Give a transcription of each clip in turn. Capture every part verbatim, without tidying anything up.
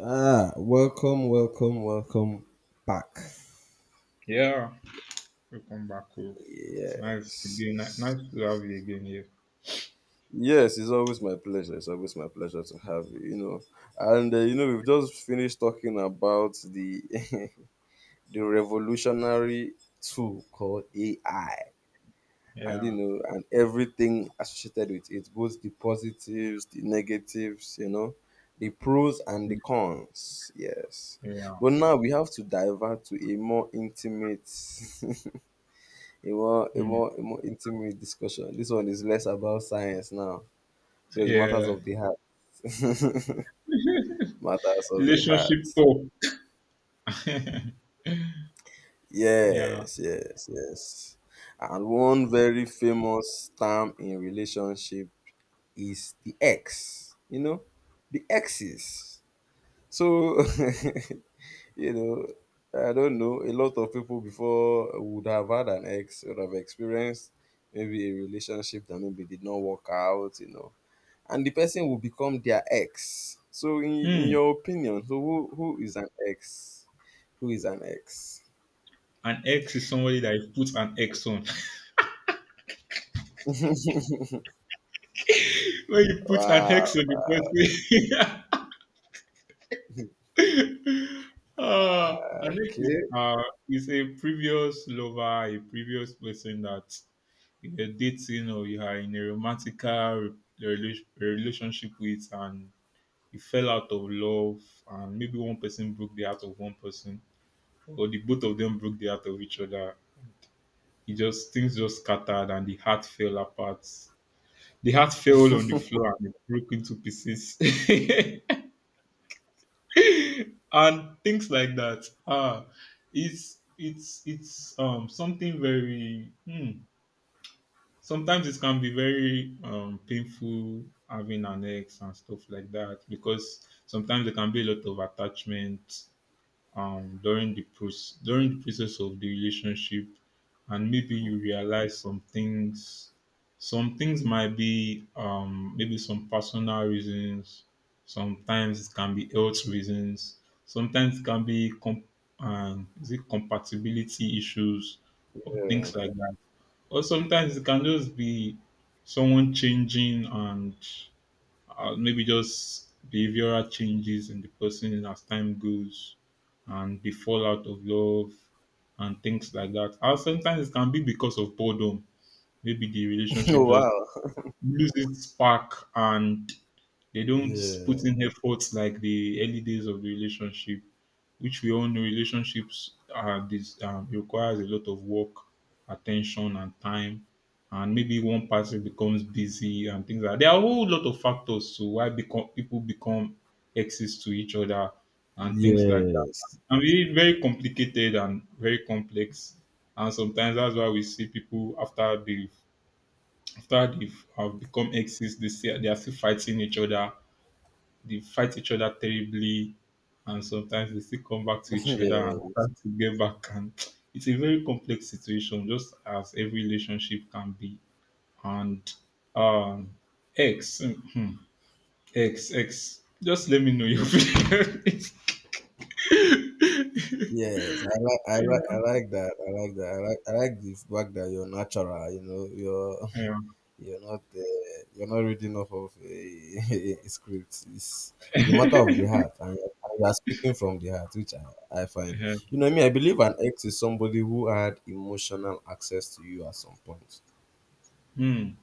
Ah, welcome, welcome, welcome back. Yeah, welcome back. oh. It's nice Yes. again. ni- Nice to have you again here. Yes, it's always my pleasure. It's always my pleasure to have you. You know, and uh, you know we've just finished talking about the the revolutionary tool called A I, and you Yeah, know, and everything associated with it, both the positives, the negatives, you know, the pros and the mm, cons. Yes, yeah, but now we have to divert to a more intimate a more a mm, more a more intimate discussion. This one is less about science now. So it's matters yeah. of the heart. Matters of the Relationship heart. talk. yeah. Yes, yes, yes. And one very famous term in relationship is the ex. You know, the exes. So, you know, I don't know. A lot of people before would have had an ex, would have experienced maybe a relationship that maybe did not work out. You know, and the person will become their ex. So, in, in Mm. your opinion, so who, who is an ex? Who is an ex? An ex is somebody that you put an ex on. When you put an ex on Wow. the person, uh, an ex is Okay. uh is a previous lover, a previous person that you're dating or you are in a romantic rela- relationship with, and you fell out of love, and maybe one person broke the heart of one person or the both of them broke the heart of each other. It just, things just scattered and the heart fell apart, the heart fell on the floor and it broke into pieces. And things like that. Ah, it's it's it's um something very hmm, sometimes it can be very um painful having an ex and stuff like that, because sometimes there can be a lot of attachment um, during the process, during the process of the relationship, and maybe you realize some things. Some things might be um, maybe some personal reasons. Sometimes it can be health reasons. Sometimes it can be com- um, is it compatibility issues or Yeah. things like that. Or sometimes it can just be someone changing and uh, maybe just behavioral changes in the person as time goes, and the fallout of love and things like that. And sometimes it can be because of boredom. Maybe the relationship Oh, just wow. loses spark and they don't Yeah. put in efforts like the early days of the relationship, which we all know relationships are this um, requires a lot of work, attention, and time. And maybe one person becomes busy and things like that. There are a whole lot of factors to why become, people become exes to each other and things like that. Yes. And really very complicated and very complex. And sometimes that's why we see people after they've after they've have become exes, they say they are still fighting each other, they fight each other terribly, and sometimes they still come back to each other and try Yes. to get back. And it's a very complex situation, just as every relationship can be. And um, X, hmm, X, X. Just let me know your feelings. Yes. I like. I like. I like that. I like that. I like. I like the fact that you're natural. You know. You're yeah. You're not uh, you're not reading off of a a script. It's the matter of the heart, and you're, and you're speaking from the heart, which I, I find. Yeah. You know me. I believe an ex is somebody who had emotional access to you at some point. Hmm.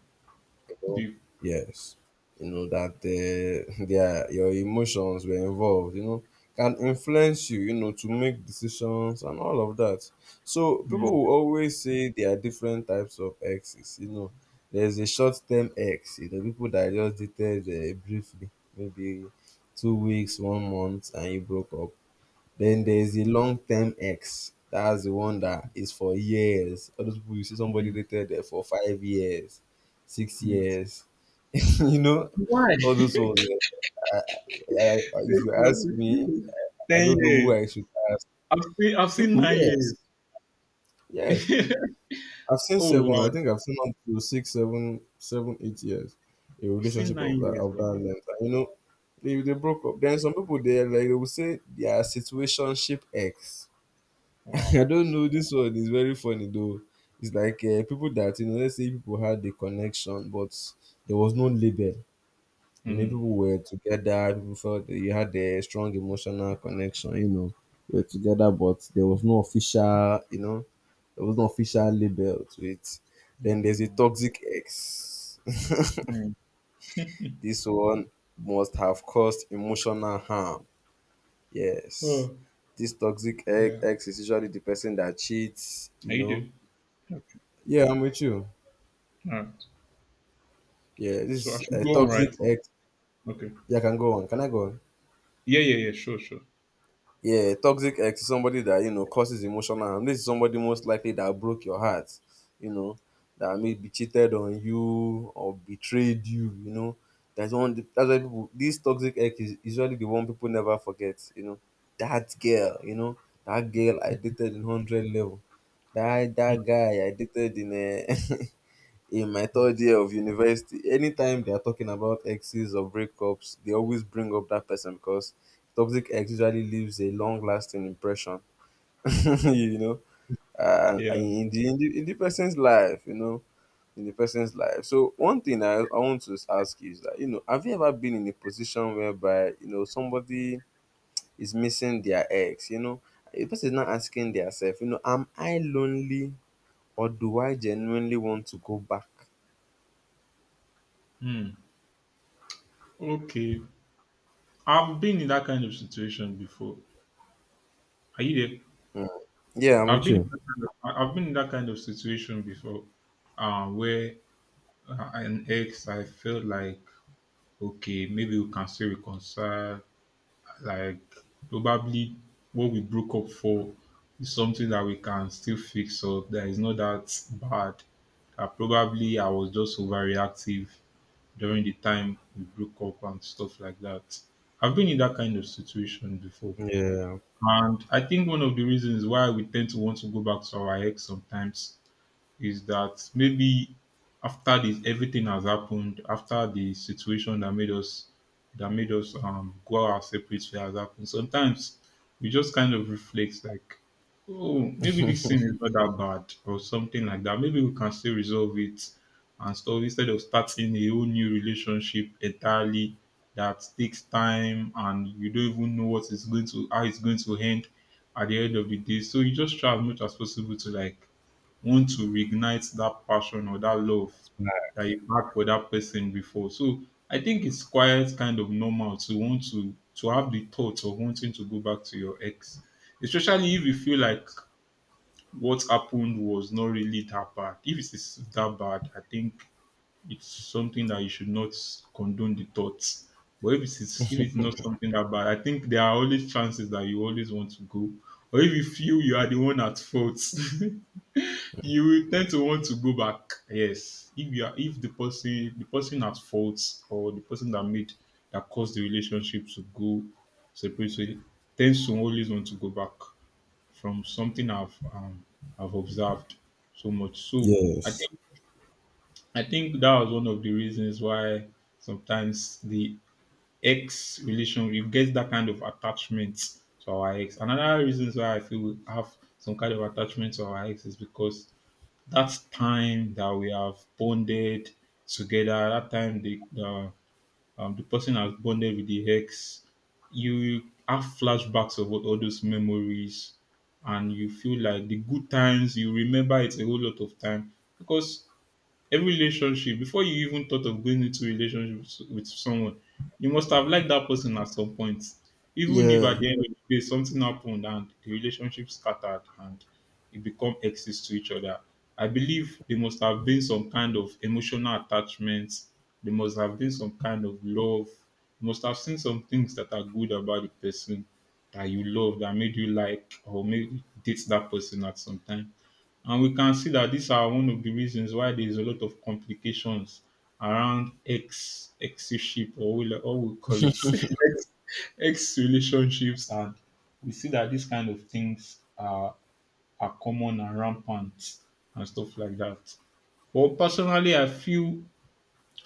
you know. The- Yes. You know that uh, their your emotions were involved, you know, can influence you, you know, to make decisions and all of that. So hmm, people will always say there are different types of exes, you know. There's a short term ex, you know, people that I just dated uh, briefly, maybe two weeks, one month, and you broke up. Then there's the long term X. That's the one that is for years. All those people you see somebody hmm, dated there for five years, six hmm. years. You know, Why? all those ones. eh, I, I, I, if This you ask was- this me, is I Ten don't know years. who I should ask. I've seen. I've seen People, yes, nine yes. years. I've seen Oh seven. wow, I think I've seen up to six, seven, seven, eight years. A I've seen relationship nine of that years. of Wow. that length. And, you know, they, they broke up. Then some people there like they will say their situationship X. Wow. I don't know. This one is very funny though. It's like uh, people that you know, let's say people had the connection, but there was no label. You know, Mm. people were together. People felt that you had a strong emotional connection. You know, you were together, but there was no official. You know, there was no official label to it. Then there's a Mm. toxic ex. Mm. This one must have caused emotional harm. Yes. Oh, This toxic ex yeah. ex is usually the person that cheats, you Are you know. doing? Okay. Yeah, I'm with you. All right. Yeah, So I this should uh, go on, right? toxic ex. Okay. Yeah, I can go on. Can I go on? Yeah, yeah, yeah. Sure, sure. Yeah, toxic ex is somebody that you know causes emotional harm. This is somebody most likely that broke your heart. You know, that maybe cheated on you or betrayed you. You know, that's one. That's why people. This toxic ex is usually the one people never forget. You know, that girl. You know, that girl I dated in hundred level. That that guy I dated in. Uh, in my Mm. third year of university, anytime they are talking about exes or breakups, they always bring up that person because toxic ex usually leaves a long lasting impression, you know, uh, Yeah. in, the, in, the, in the person's life, you know, in the person's life. So, one thing I, I want to ask you is that, you know, have you ever been in a position whereby, you know, somebody is missing their ex, you know, the person is not asking themselves, you know, am I lonely or do I genuinely want to go back? Mm. Okay. I've been in that kind of situation before. Are you there? Yeah, I'm I've with been in you. that kind of, I- I've been in that kind of situation before, uh, where uh, an ex I felt like okay maybe we can still reconcile, like probably what we broke up for is something that we can still fix up, that is not that bad. That probably I was just overreactive during the time we broke up and stuff like that. I've been in that kind of situation before. Yeah. And I think one of the reasons why we tend to want to go back to our ex sometimes is that maybe after this, everything has happened, after the situation that made us that made us um go our separate way has happened, sometimes we just kind of reflect like, oh, maybe this thing is not that bad or something like that. Maybe we can still resolve it and stuff, instead of starting a whole new relationship entirely that takes time, and you don't even know what is going to how it's going to end at the end of the day. So you just try as much as possible to like want to reignite that passion or that love that you had for that person before. So I think it's quite kind of normal to want to to have the thoughts of wanting to go back to your ex, especially if you feel like what happened was not really that bad. If it is that bad, I think it's something that you should not condone the thoughts. But if it is if it's not something that bad, I think there are always chances that you always want to go. Or if you feel you are the one at fault. You will tend to want to go back. Yes, if you are, if the person, the person at fault or the person that made that caused the relationship to go separately, tends to always want to go back from something I've um, I've observed so much. So I think I think that was one of the reasons why sometimes the ex relation, you get that kind of attachment to our ex. Another reason why I feel we have some kind of attachment to our ex is because that time that we have bonded together, that time the the, um, the person has bonded with the ex, you have flashbacks of all all those memories, and you feel like the good times, you remember it a whole lot of time. Because every relationship, before you even thought of going into a relationship s- with someone, you must have liked that person at some point. Even if at Yeah. the end of the day something happened and the relationship scattered and it become exes to each other, I believe there must have been some kind of emotional attachment. There must have been some kind of love. You must have seen some things that are good about the person that you love that made you like or maybe date that person at some time. And we can see that these are one of the reasons why there's a lot of complications around ex exship, or we or we call it ex ex relationships, and we see that these kind of things are are common and rampant and stuff like that. Well, personally I feel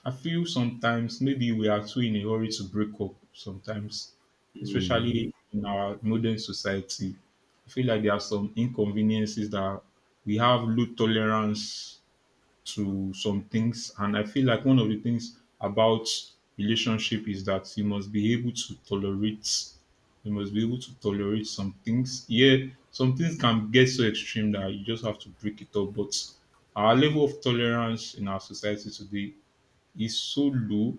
I feel sometimes maybe we are too in a hurry to break up sometimes, especially in our modern society. I feel like there are some inconveniences that we have low tolerance to some things. And I feel like one of the things about relationship is that you must be able to tolerate, you must be able to tolerate some things. Yeah, some things can get so extreme that you just have to break it up. But our level of tolerance in our society today is so low.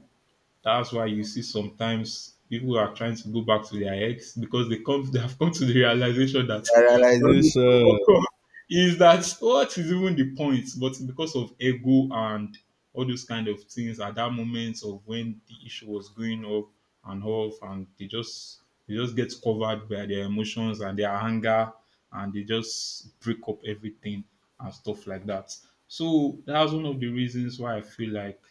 That's why you see sometimes people are trying to go back to their ex, because they come they have come to the realization that The what will realization. come is that what is even the point? But because of ego and all those kind of things at that moment of when the issue was going up and off, and they just they just get covered by their emotions and their anger, and they just break up everything and stuff like that. So that's one of the reasons why I feel like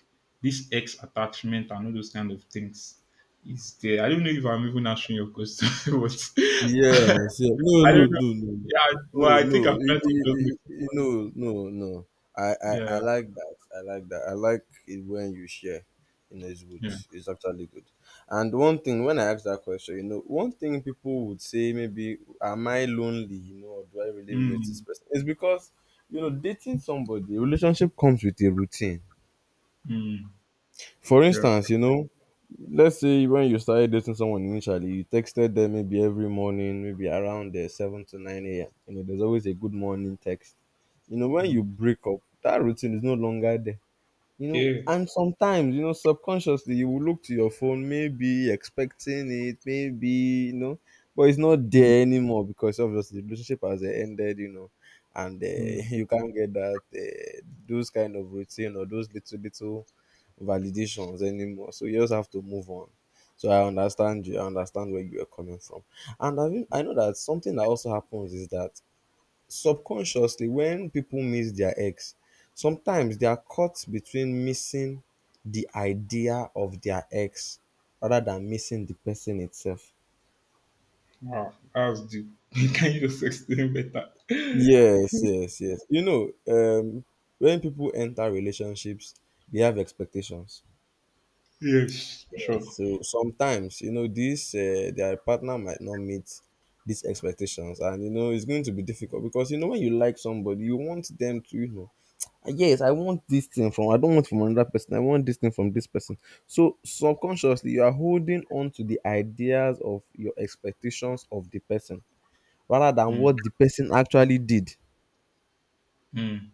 this ex attachment and all those kind of things is there. I don't know if I'm even answering your question, but Yes. Yeah. No, I no, don't know. no, Yeah, no, well, I think I'm trying to no. just make, No, no. I- I- I- I- No, no, no. I, I, I yeah, like that. I like that. I like it when you share. You know, it's good. yeah, It's actually good. And one thing, when I ask that question, you know, one thing people would say maybe, am I lonely? You know, or do I really miss this mm, person? It's because, you know, dating somebody, relationship comes with a routine. mm, For yeah, instance, you know, let's say when you started dating someone initially, you texted them maybe every morning, maybe around the seven to nine a m. You know, there's always a good morning text. You know, when you mm, break up, that routine is no longer there, you know. yeah, And sometimes, you know, subconsciously you will look to your phone maybe expecting it, maybe, you know, but it's not mm, there anymore because obviously the relationship has eh, ended, you know. And uh, mm. you can't get that uh, those kind of routine or those little little validations anymore, so you just have to move on. So I understand you, I understand where you are coming from. And, I mean, I know that something that also happens is that subconsciously when people miss their ex, sometimes they are caught between missing the idea of their ex rather than missing the person itself. Wow, that was deep. Can you just explain better? Yes, yes, yes, you know. Um when people enter relationships, they have expectations. yes, sure. So sometimes, you know, this uh, their partner might not meet these expectations, and you know it's going to be difficult because you know when you like somebody you want them to, you know. Yes, I want this thing from, I don't want from another person, I want this thing from this person. So subconsciously you are holding on to the ideas of your expectations of the person rather than Mm, what the person actually did. mm,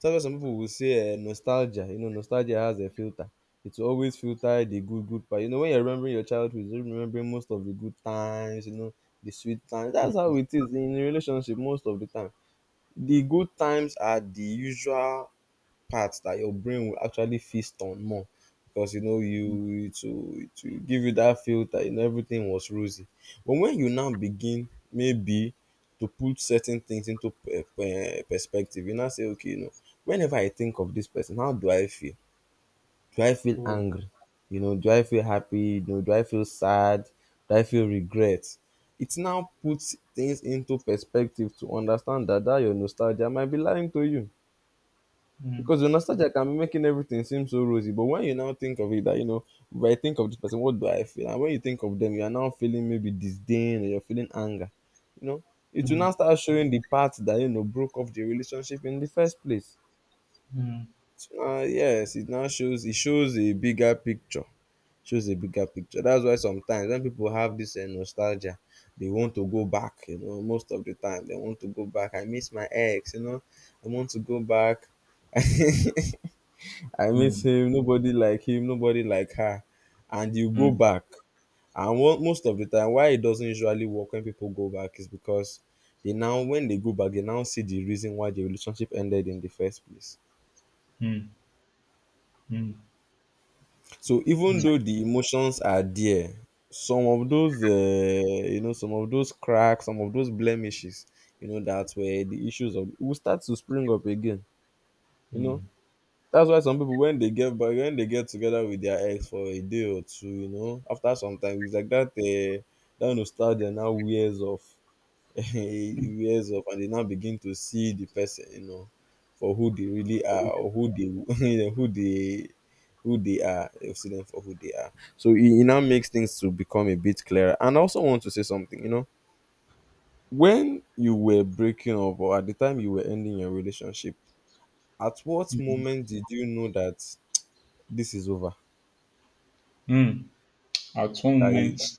So some people will say uh, nostalgia, you know, nostalgia has a filter. It will always filter the good good part. You know, when you're remembering your childhood, you're remembering most of the good times, you know, the sweet times. That's mm, how it is in a relationship most of the time. The good times are the usual parts that your brain will actually feast on more, because you know you mm. it will it will give you that feel that you know everything was rosy. But when you now begin, maybe, to put certain things into per per perspective, you now say okay, you know, whenever I think of this person, how do I feel? Do I feel Oh, angry? You know, do I feel happy? You know, do I feel sad? Do I feel regret? It now puts things into perspective to understand that that your nostalgia might be lying to you. mm, Because the nostalgia can be making everything seem so rosy, but when you now think of it, that you know, if I think of this person, what do I feel? And when you think of them, you are now feeling maybe disdain or you're feeling anger. You know, it will now mm, start showing the part that you know broke off the relationship in the first place. mm, So uh, yes, it now shows it shows a bigger picture. Shows a bigger picture. That's why sometimes when people have this uh, nostalgia, they want to go back. You know, most of the time they want to go back. I miss my ex. You know, I want to go back. I miss mm, him. Nobody like him. Nobody like her. And you go mm, back, and wo- most of the time, why it doesn't usually work when people go back is because they now, when they go back, they now see the reason why the relationship ended in the first place. mm, mm, So even though the emotions are there, some of those, uh, you know, some of those cracks, some of those blemishes, you know, that were the issues of will start to spring up again. You know, mm, that's why some people when they get back when they get together with their ex for a day or two, you know, after some time it's like that uh, that nostalgia now wears off, it wears off, and they now begin to see the person, you know, for who they really are or who they you know, who they who they are. They'll see them for who they are. So it, it now makes things to become a bit clearer. And I also want to say something, you know, when you were breaking up or at the time you were ending your relationship, at what mm. moment did you know that this is over. Mm. At one That you, moment,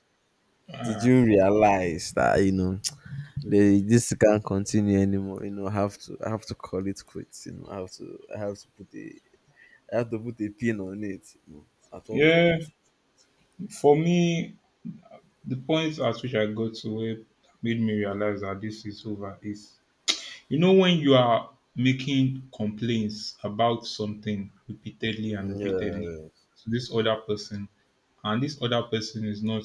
did ah, you realize that you know they, this can't continue anymore? You know, I have to I have to call it quits. You know, I have to I have to put a I have to put a pin on it. You know, at all yeah, points. for me, the point at which I got to where made me realize that this is over is, you know, when you are making complaints about something repeatedly and repeatedly Yeah, to this other person, and this other person is not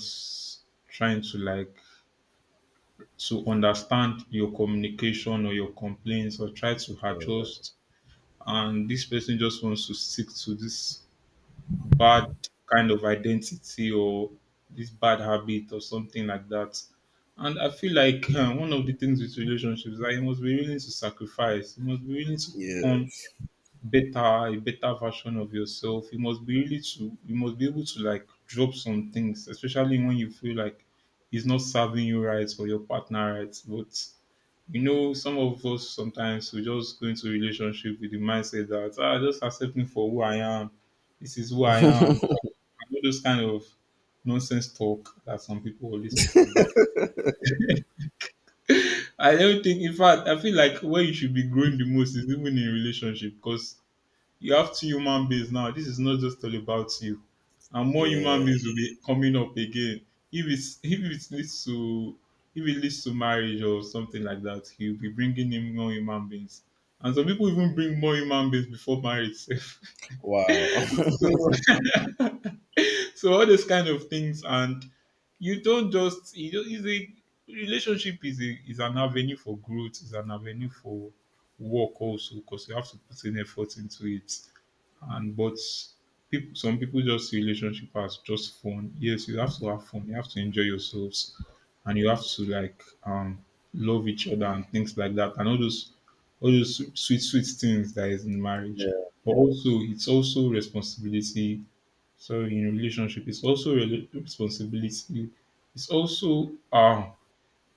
trying to like to understand your communication or your complaints or try to yeah, adjust, and this person just wants to stick to this bad kind of identity or this bad habit or something like that. And I feel like um, one of the things with relationships is that you must be willing to sacrifice. You must be willing to yeah, become better, a better version of yourself. You must be really to you must be able to like drop some things, especially when you feel like it's not serving you right or your partner right. But you know, some of us sometimes we just go into relationship with the mindset that ah, just accept me for who I am. This is who I am, all those kind of nonsense talk that some people always talk about. I don't think, in fact, I feel like where you should be growing the most is even in relationship, because you have two human beings now. This is not just all about you, and more human yeah. beings will be coming up again. If it's if it leads to if it leads to marriage or something like that, you'll be bringing in more human beings, and some people even bring more human beings before marriage. Wow. so so all those kind of things. And you don't just you don't is a relationship is a is an avenue for growth, is an avenue for work also, because you have to put in effort into it. And but people, some people just see relationship as just fun. Yes, you have to have fun, you have to enjoy yourselves, and you have to like um love each other and things like that, and all those all those sweet sweet things that is in marriage. yeah, But also it's also responsibility. So in relationship, it's also a responsibility. It's also um,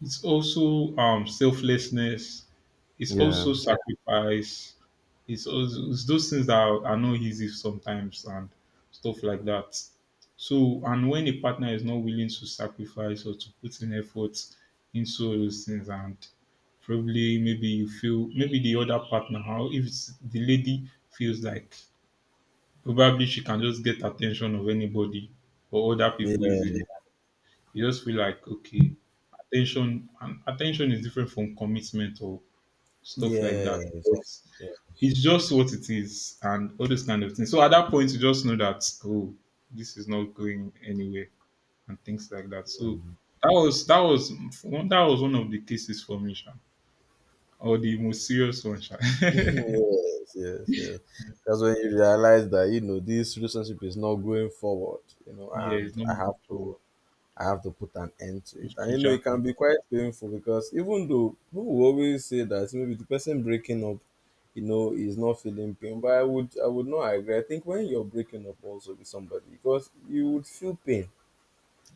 it's also um, selflessness. It's yeah, also sacrifice. It's also it's those things that are, are not easy sometimes and stuff like that. So and when a partner is not willing to sacrifice or to put in effort into all those things, and probably maybe you feel, maybe the other partner, how, if it's the lady, feels like probably she can just get attention of anybody or other people easily. yeah, You just feel like okay, attention, and attention is different from commitment or stuff like that. yes, But yes, it's just what it is and all those kind of things. So at that point you just know that, oh, this is not going anywhere and things like that. So um, that was that was one, that was one of the cases for me, Sha. Or the most serious one, Sha. Yeah, yes, yes, yes. That's when you realize that you know this relationship is not going forward. You know, and it's not I have for to I have to put an end to it. And you know, spiritual. it can Con-. be quite painful because even though people will always say that maybe the person breaking up, you know, is not feeling pain, but I would I would not agree. I think when you're breaking up also with somebody, because you would feel pain,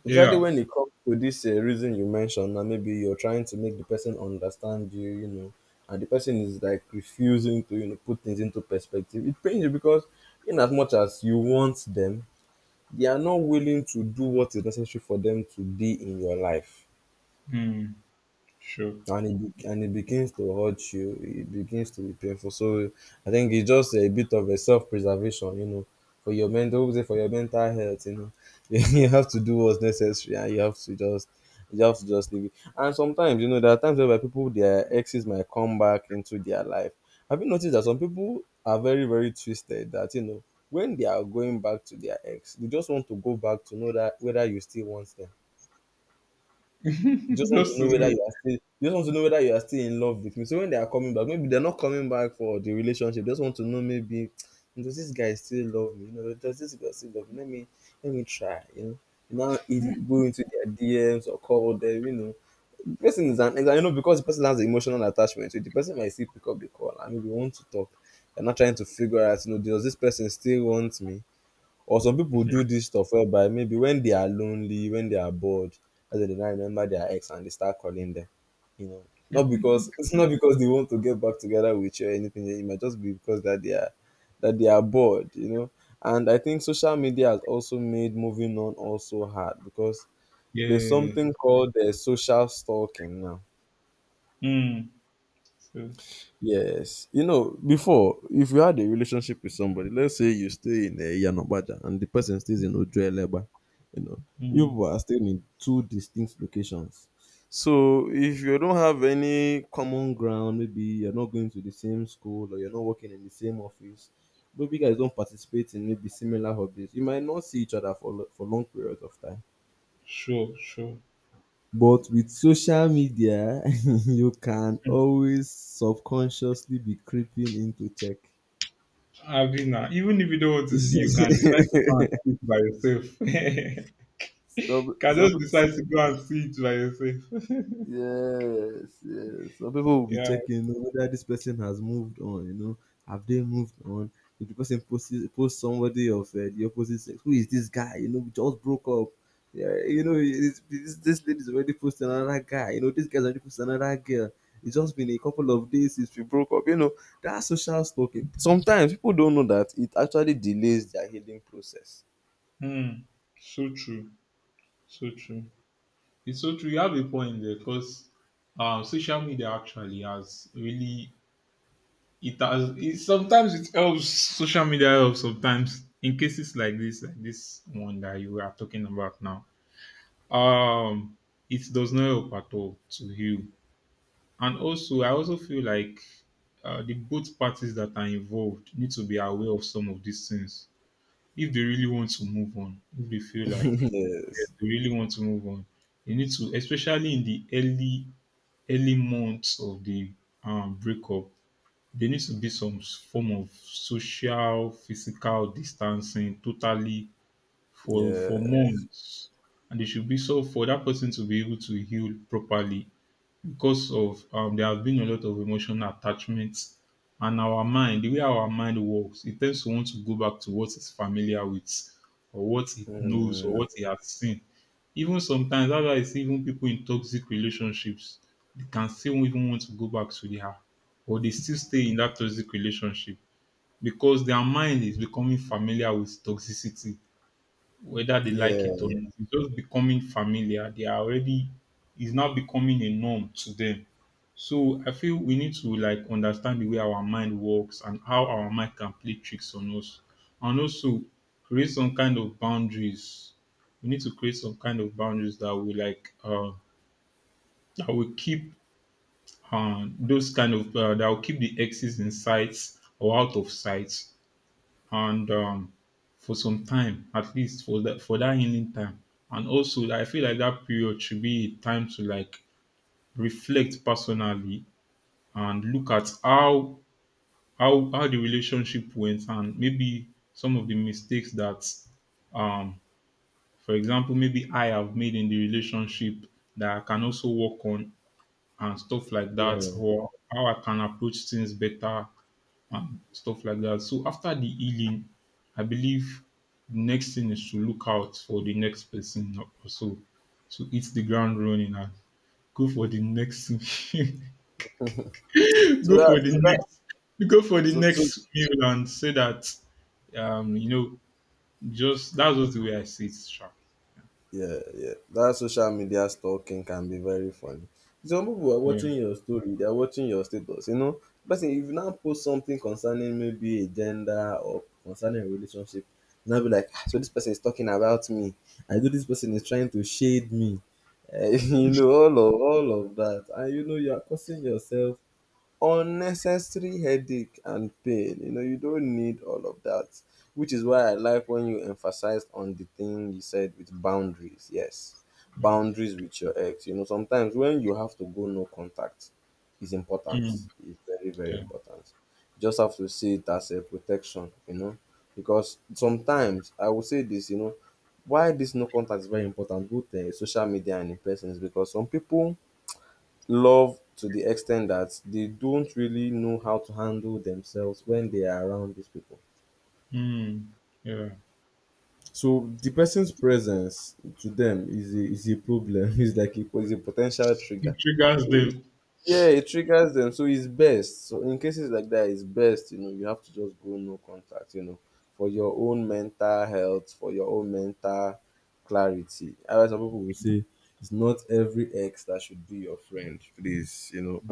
especially Yeah. when it comes to this uh, reason you mentioned. Now maybe you're trying to make the person understand you, you know, and the person is like refusing to you know put things into perspective. It pains you because in as much as you want them, they are not willing to do what is necessary for them to be in your life, Hmm. Sure. and it be, and it begins to hurt you, it begins to be painful. So I think it's just a bit of a self-preservation, you know, for your mental for your mental health. You know, you have to do what's necessary and you have to just you have to just leave it. And sometimes, you know, there are times where people, their exes might come back into their life. Have you noticed that some people are very, very twisted that, you know, when they are going back to their ex, they just want to go back to know that whether you still want them? You just want to Just to know whether know. you are still you just want to know whether you are still in love with me. So when they are coming back, maybe they're not coming back for the relationship. They just want to know, maybe does this guy still love me? You know, does this girl still love me? Let me let me try, you know. You now it- go into their D Ms or call them, you know. The person is an you know, because the person has emotional attachment to it, the person might still pick up the call and maybe want to talk. They're not trying to figure out, you know, does this person still want me? Or some people do this stuff whereby maybe when they are lonely, when they are bored, that's when they now remember their ex and they start calling them. You know, not because it's not because they want to get back together with you or anything. It might just be because that they are that they are bored. You know, and I think social media has also made moving on also hard because there's Yeah. something called the social stalking now. Mm. So. Yes. You know, before, if you had a relationship with somebody, let's say you stay in uh, Yanobaja and the person stays in Ojueleba, you know, you Mm. people are staying in two distinct locations. So if you don't have any common ground, maybe you're not going to the same school or you're not working in the same office, maybe you guys don't participate in maybe similar hobbies, you might not see each other for, lo- for long periods of time. Sure, sure. But with social media, you can Mm. always subconsciously be creeping into check. Avina, even if you don't want to see, you can decide to go and see it by yourself. You some, can just some, decide to go and see it by yourself. yes, yes. Some people will be Yeah. checking, you know, whether this person has moved on. You know, have they moved on? If the person posts posts somebody of uh, the opposite sex, who is this guy? You know, we just broke up. Yeah, you know, it's, this this lady's already posted another guy. You know, this guy's already posted another girl. It's just been a couple of days since we broke up. You know, that's social stalking. Sometimes people don't know that it actually delays their healing process. Mm. So true. So true. It's so true. You have a point there, because um, social media actually has really it has it, sometimes it helps, social media helps sometimes in cases like this, like this one that you are talking about now. um it does not help at all to heal. And also, I also feel like uh, the both parties that are involved need to be aware of some of these things if they really want to move on, if they feel like yes, yes. they really want to move on. They need to, especially in the early early months of the um, breakup, there needs to be some s- form of social physical distancing totally for for Yeah. months. And they should be, so for that person to be able to heal properly, because of um, there has been a lot of emotional attachments. And our mind, the way our mind works, it tends to want to go back to what it's familiar with, or what it knows or Mm. what it has seen. Even sometimes that's why I see even people in toxic relationships, they can still even want to go back to their, or they still stay in that toxic relationship because their mind is becoming familiar with toxicity, whether they like it or Yeah, not. It's just becoming familiar. They are already, it's now becoming a norm to them. So I feel we need to like understand the way our mind works and how our mind can play tricks on us. And also create some kind of boundaries. We need to create some kind of boundaries that will like uh that will keep uh, those kind of uh, that will keep the exes in sight or out of sight, and um, for some time, at least for that for that healing time. And also, I feel like that period should be a time to like reflect personally and look at how how how the relationship went, and maybe some of the mistakes that um for example maybe I have made in the relationship that I can also work on and stuff like that, yeah. or how I can approach things better and stuff like that. So after the healing, I believe the next thing is to look out for the next person, or so, to hit the ground running and go for the next So go for that, the so that, next, go for the so, so next meal and say that um you know, just, that's just the way I see it, Sha. yeah, yeah. That social media stalking can be very funny. Some people are Yeah. watching your story, they are watching your status. You know, person, if you now post something concerning maybe a gender or concerning a relationship, you now be like, "Ah, so this person is talking about me. I know this person is trying to shade me. Eh," you know, all of all of that, and you know, you are causing yourself unnecessary headache and pain. You know, you don't need all of that, which is why I like when you emphasized on the thing you said with boundaries. Yes, Mm, boundaries with your ex. You know, sometimes when you have to go no contact is important. mm, It's very, very yeah. important. Just have to see it as a protection, you know, because sometimes I will say this, you know, why this no contact is very important, both uh, social media and in person, is because some people love to the extent that they don't really know how to handle themselves when they are around these people. Mm, yeah. So the person's presence to them is a is a problem. It's like a, is a potential It trigger. triggers So it's- them. yeah, it triggers them. So it's best. So in cases like that, it's best. You know, you have to just go no contact. You know, for your own mental health, for your own mental clarity. Otherwise, some people will say it's not every ex that should be your friend. Please, you know.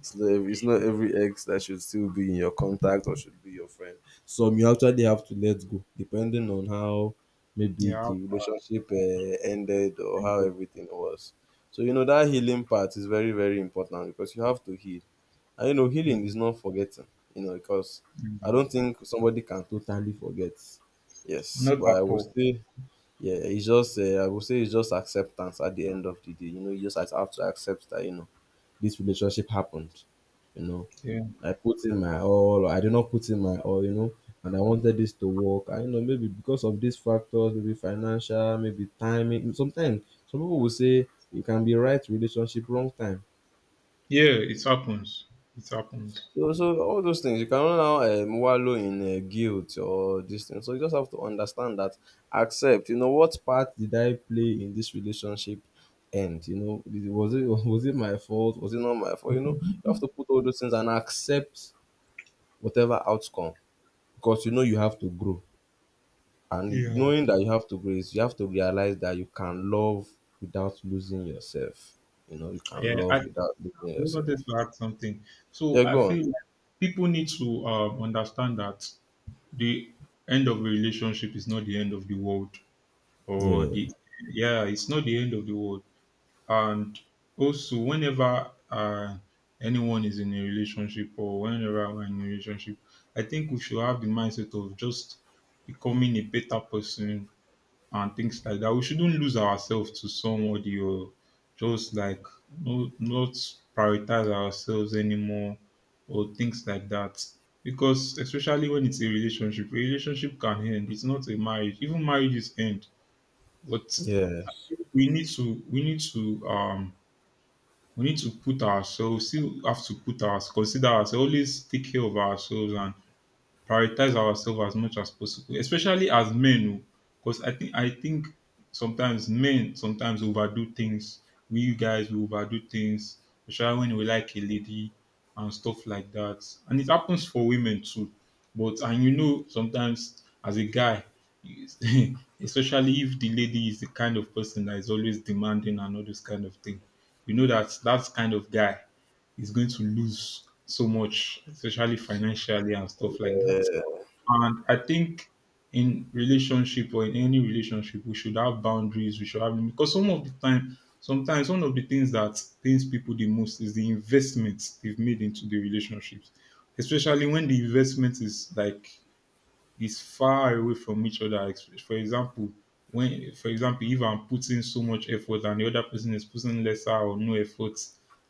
It's not, every, it's not every ex that should still be in your contact or should be your friend. Some you actually have to let go, depending on how maybe Yeah. I'll-. the relationship uh, ended or how Mm, everything was. So, you know, that healing part is very, very important because you have to heal. And, you know, healing is not forgetting, you know, because I don't mm. think somebody can totally forget. Yes, Not but I at will all. still yeah, it's just uh, I would say it's just acceptance at the end of the day. You know, you just have to have to accept that you know this relationship happened. You know, Yeah. I put in my all, or I did not put in my all. You know, and I wanted this to work. I know maybe because of these factors, maybe financial, maybe timing. Sometimes some people will say you can be right relationship, wrong time. Yeah, it happens. It happens. So, so all those things you cannot now um, wallow in uh, guilt or this thing. So you just have to understand that, accept. You know what part did I play in this relationship? And, you know, did- was it was it my fault? Was it not my fault? You know, you have to put all those things and accept whatever outcome, because you know you have to grow. And Yeah. knowing that you have to grow is you have to realize that you can love without losing yourself. You know, you can Yeah, I love without losing I also wanted yourself. to add something. So Yeah, I go on. feel like people need to um, understand that the end of a relationship is not the end of the world, or Yeah. the, yeah, it's not the end of the world. And also, whenever uh, anyone is in a relationship, or whenever we're in a relationship, I think we should have the mindset of just becoming a better person, and things like that. We shouldn't lose ourselves to somebody, or just like, no, not prioritize ourselves anymore or things like that. Because especially when it's a relationship, a relationship can end. It's not a marriage. Even marriages end. But Yes, we need to we need to um we need to put ourselves, still have to put us, consider ourselves, always take care of ourselves and prioritize ourselves as much as possible, especially as men. Oh, because I think, I think sometimes men sometimes overdo things. We you guys we overdo things, especially when we like a lady and stuff like that. And it happens for women too. But, and you know sometimes as a guy, you- especially if the lady is the kind of person that is always demanding and all this kind of thing, you know that that kind of guy is going to lose so much, especially financially and stuff like that. And I think in relationship, or in any relationship, we should have boundaries. We should have, because some of the time, sometimes one of the things that pains people the most is the investments they've made into the relationships, especially when the investment is like is far away from each other. Ex- For example, when, for example, if I'm putting so much effort and the other person is putting lesser or no effort,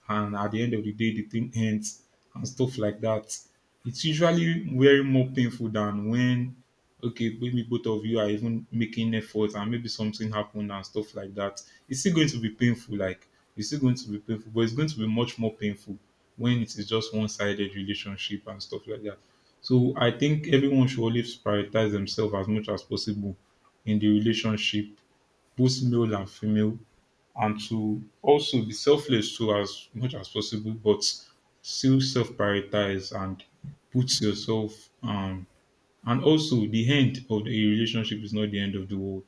and at the end of the day, the thing ends and stuff like that, it's usually very more painful than when, okay, maybe both of you are even making effort and maybe something happened and stuff like that. It's still going to be painful, like, it's still going to be painful, but it's going to be much more painful when it is just one sided relationship and stuff like that. So I think everyone should always prioritize themselves as much as possible in the relationship, both male and female, and to also be selfless too as much as possible, but still self prioritize and put yourself um and also the end of the relationship is not the end of the world.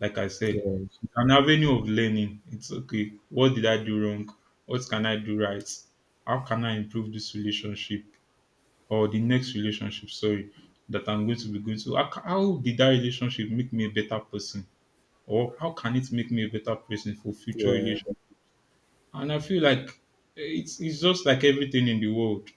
Like I said, yes. it's an avenue of learning. It's okay. What did I do wrong? What can I do right? How can I improve this relationship? Or the next relationship, sorry, that I'm going to be going to, how, ca- how did that relationship make me a better person? Or how can it make me a better person for future Yeah. relations? And I feel like it's, it's just like everything in the world.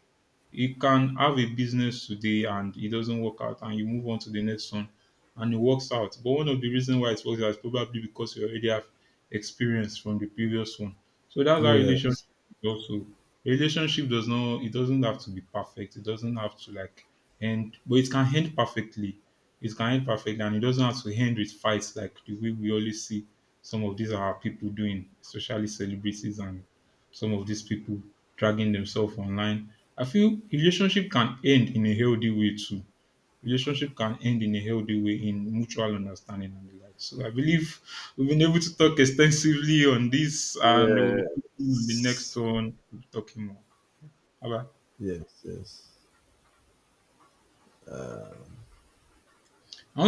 You can have a business today and it doesn't work out, and you move on to the next one and it works out. But one of the reasons why it works out is probably because you already have experience from the previous one. So that's how relationship Yes. is also, a relationship does not, it doesn't have to be perfect. It doesn't have to like end, but it can end perfectly. It can end perfectly, and it doesn't have to end with fights like the way we always see some of these are people doing, especially celebrities and some of these people dragging themselves online. I feel relationship can end in a healthy way too. Relationship can end in a healthy way in mutual understanding and the like. So I believe we've been able to talk extensively on this, and we'll be talking on the next Yes. one. We'll be talking more. Bye Yes. Yes. bye.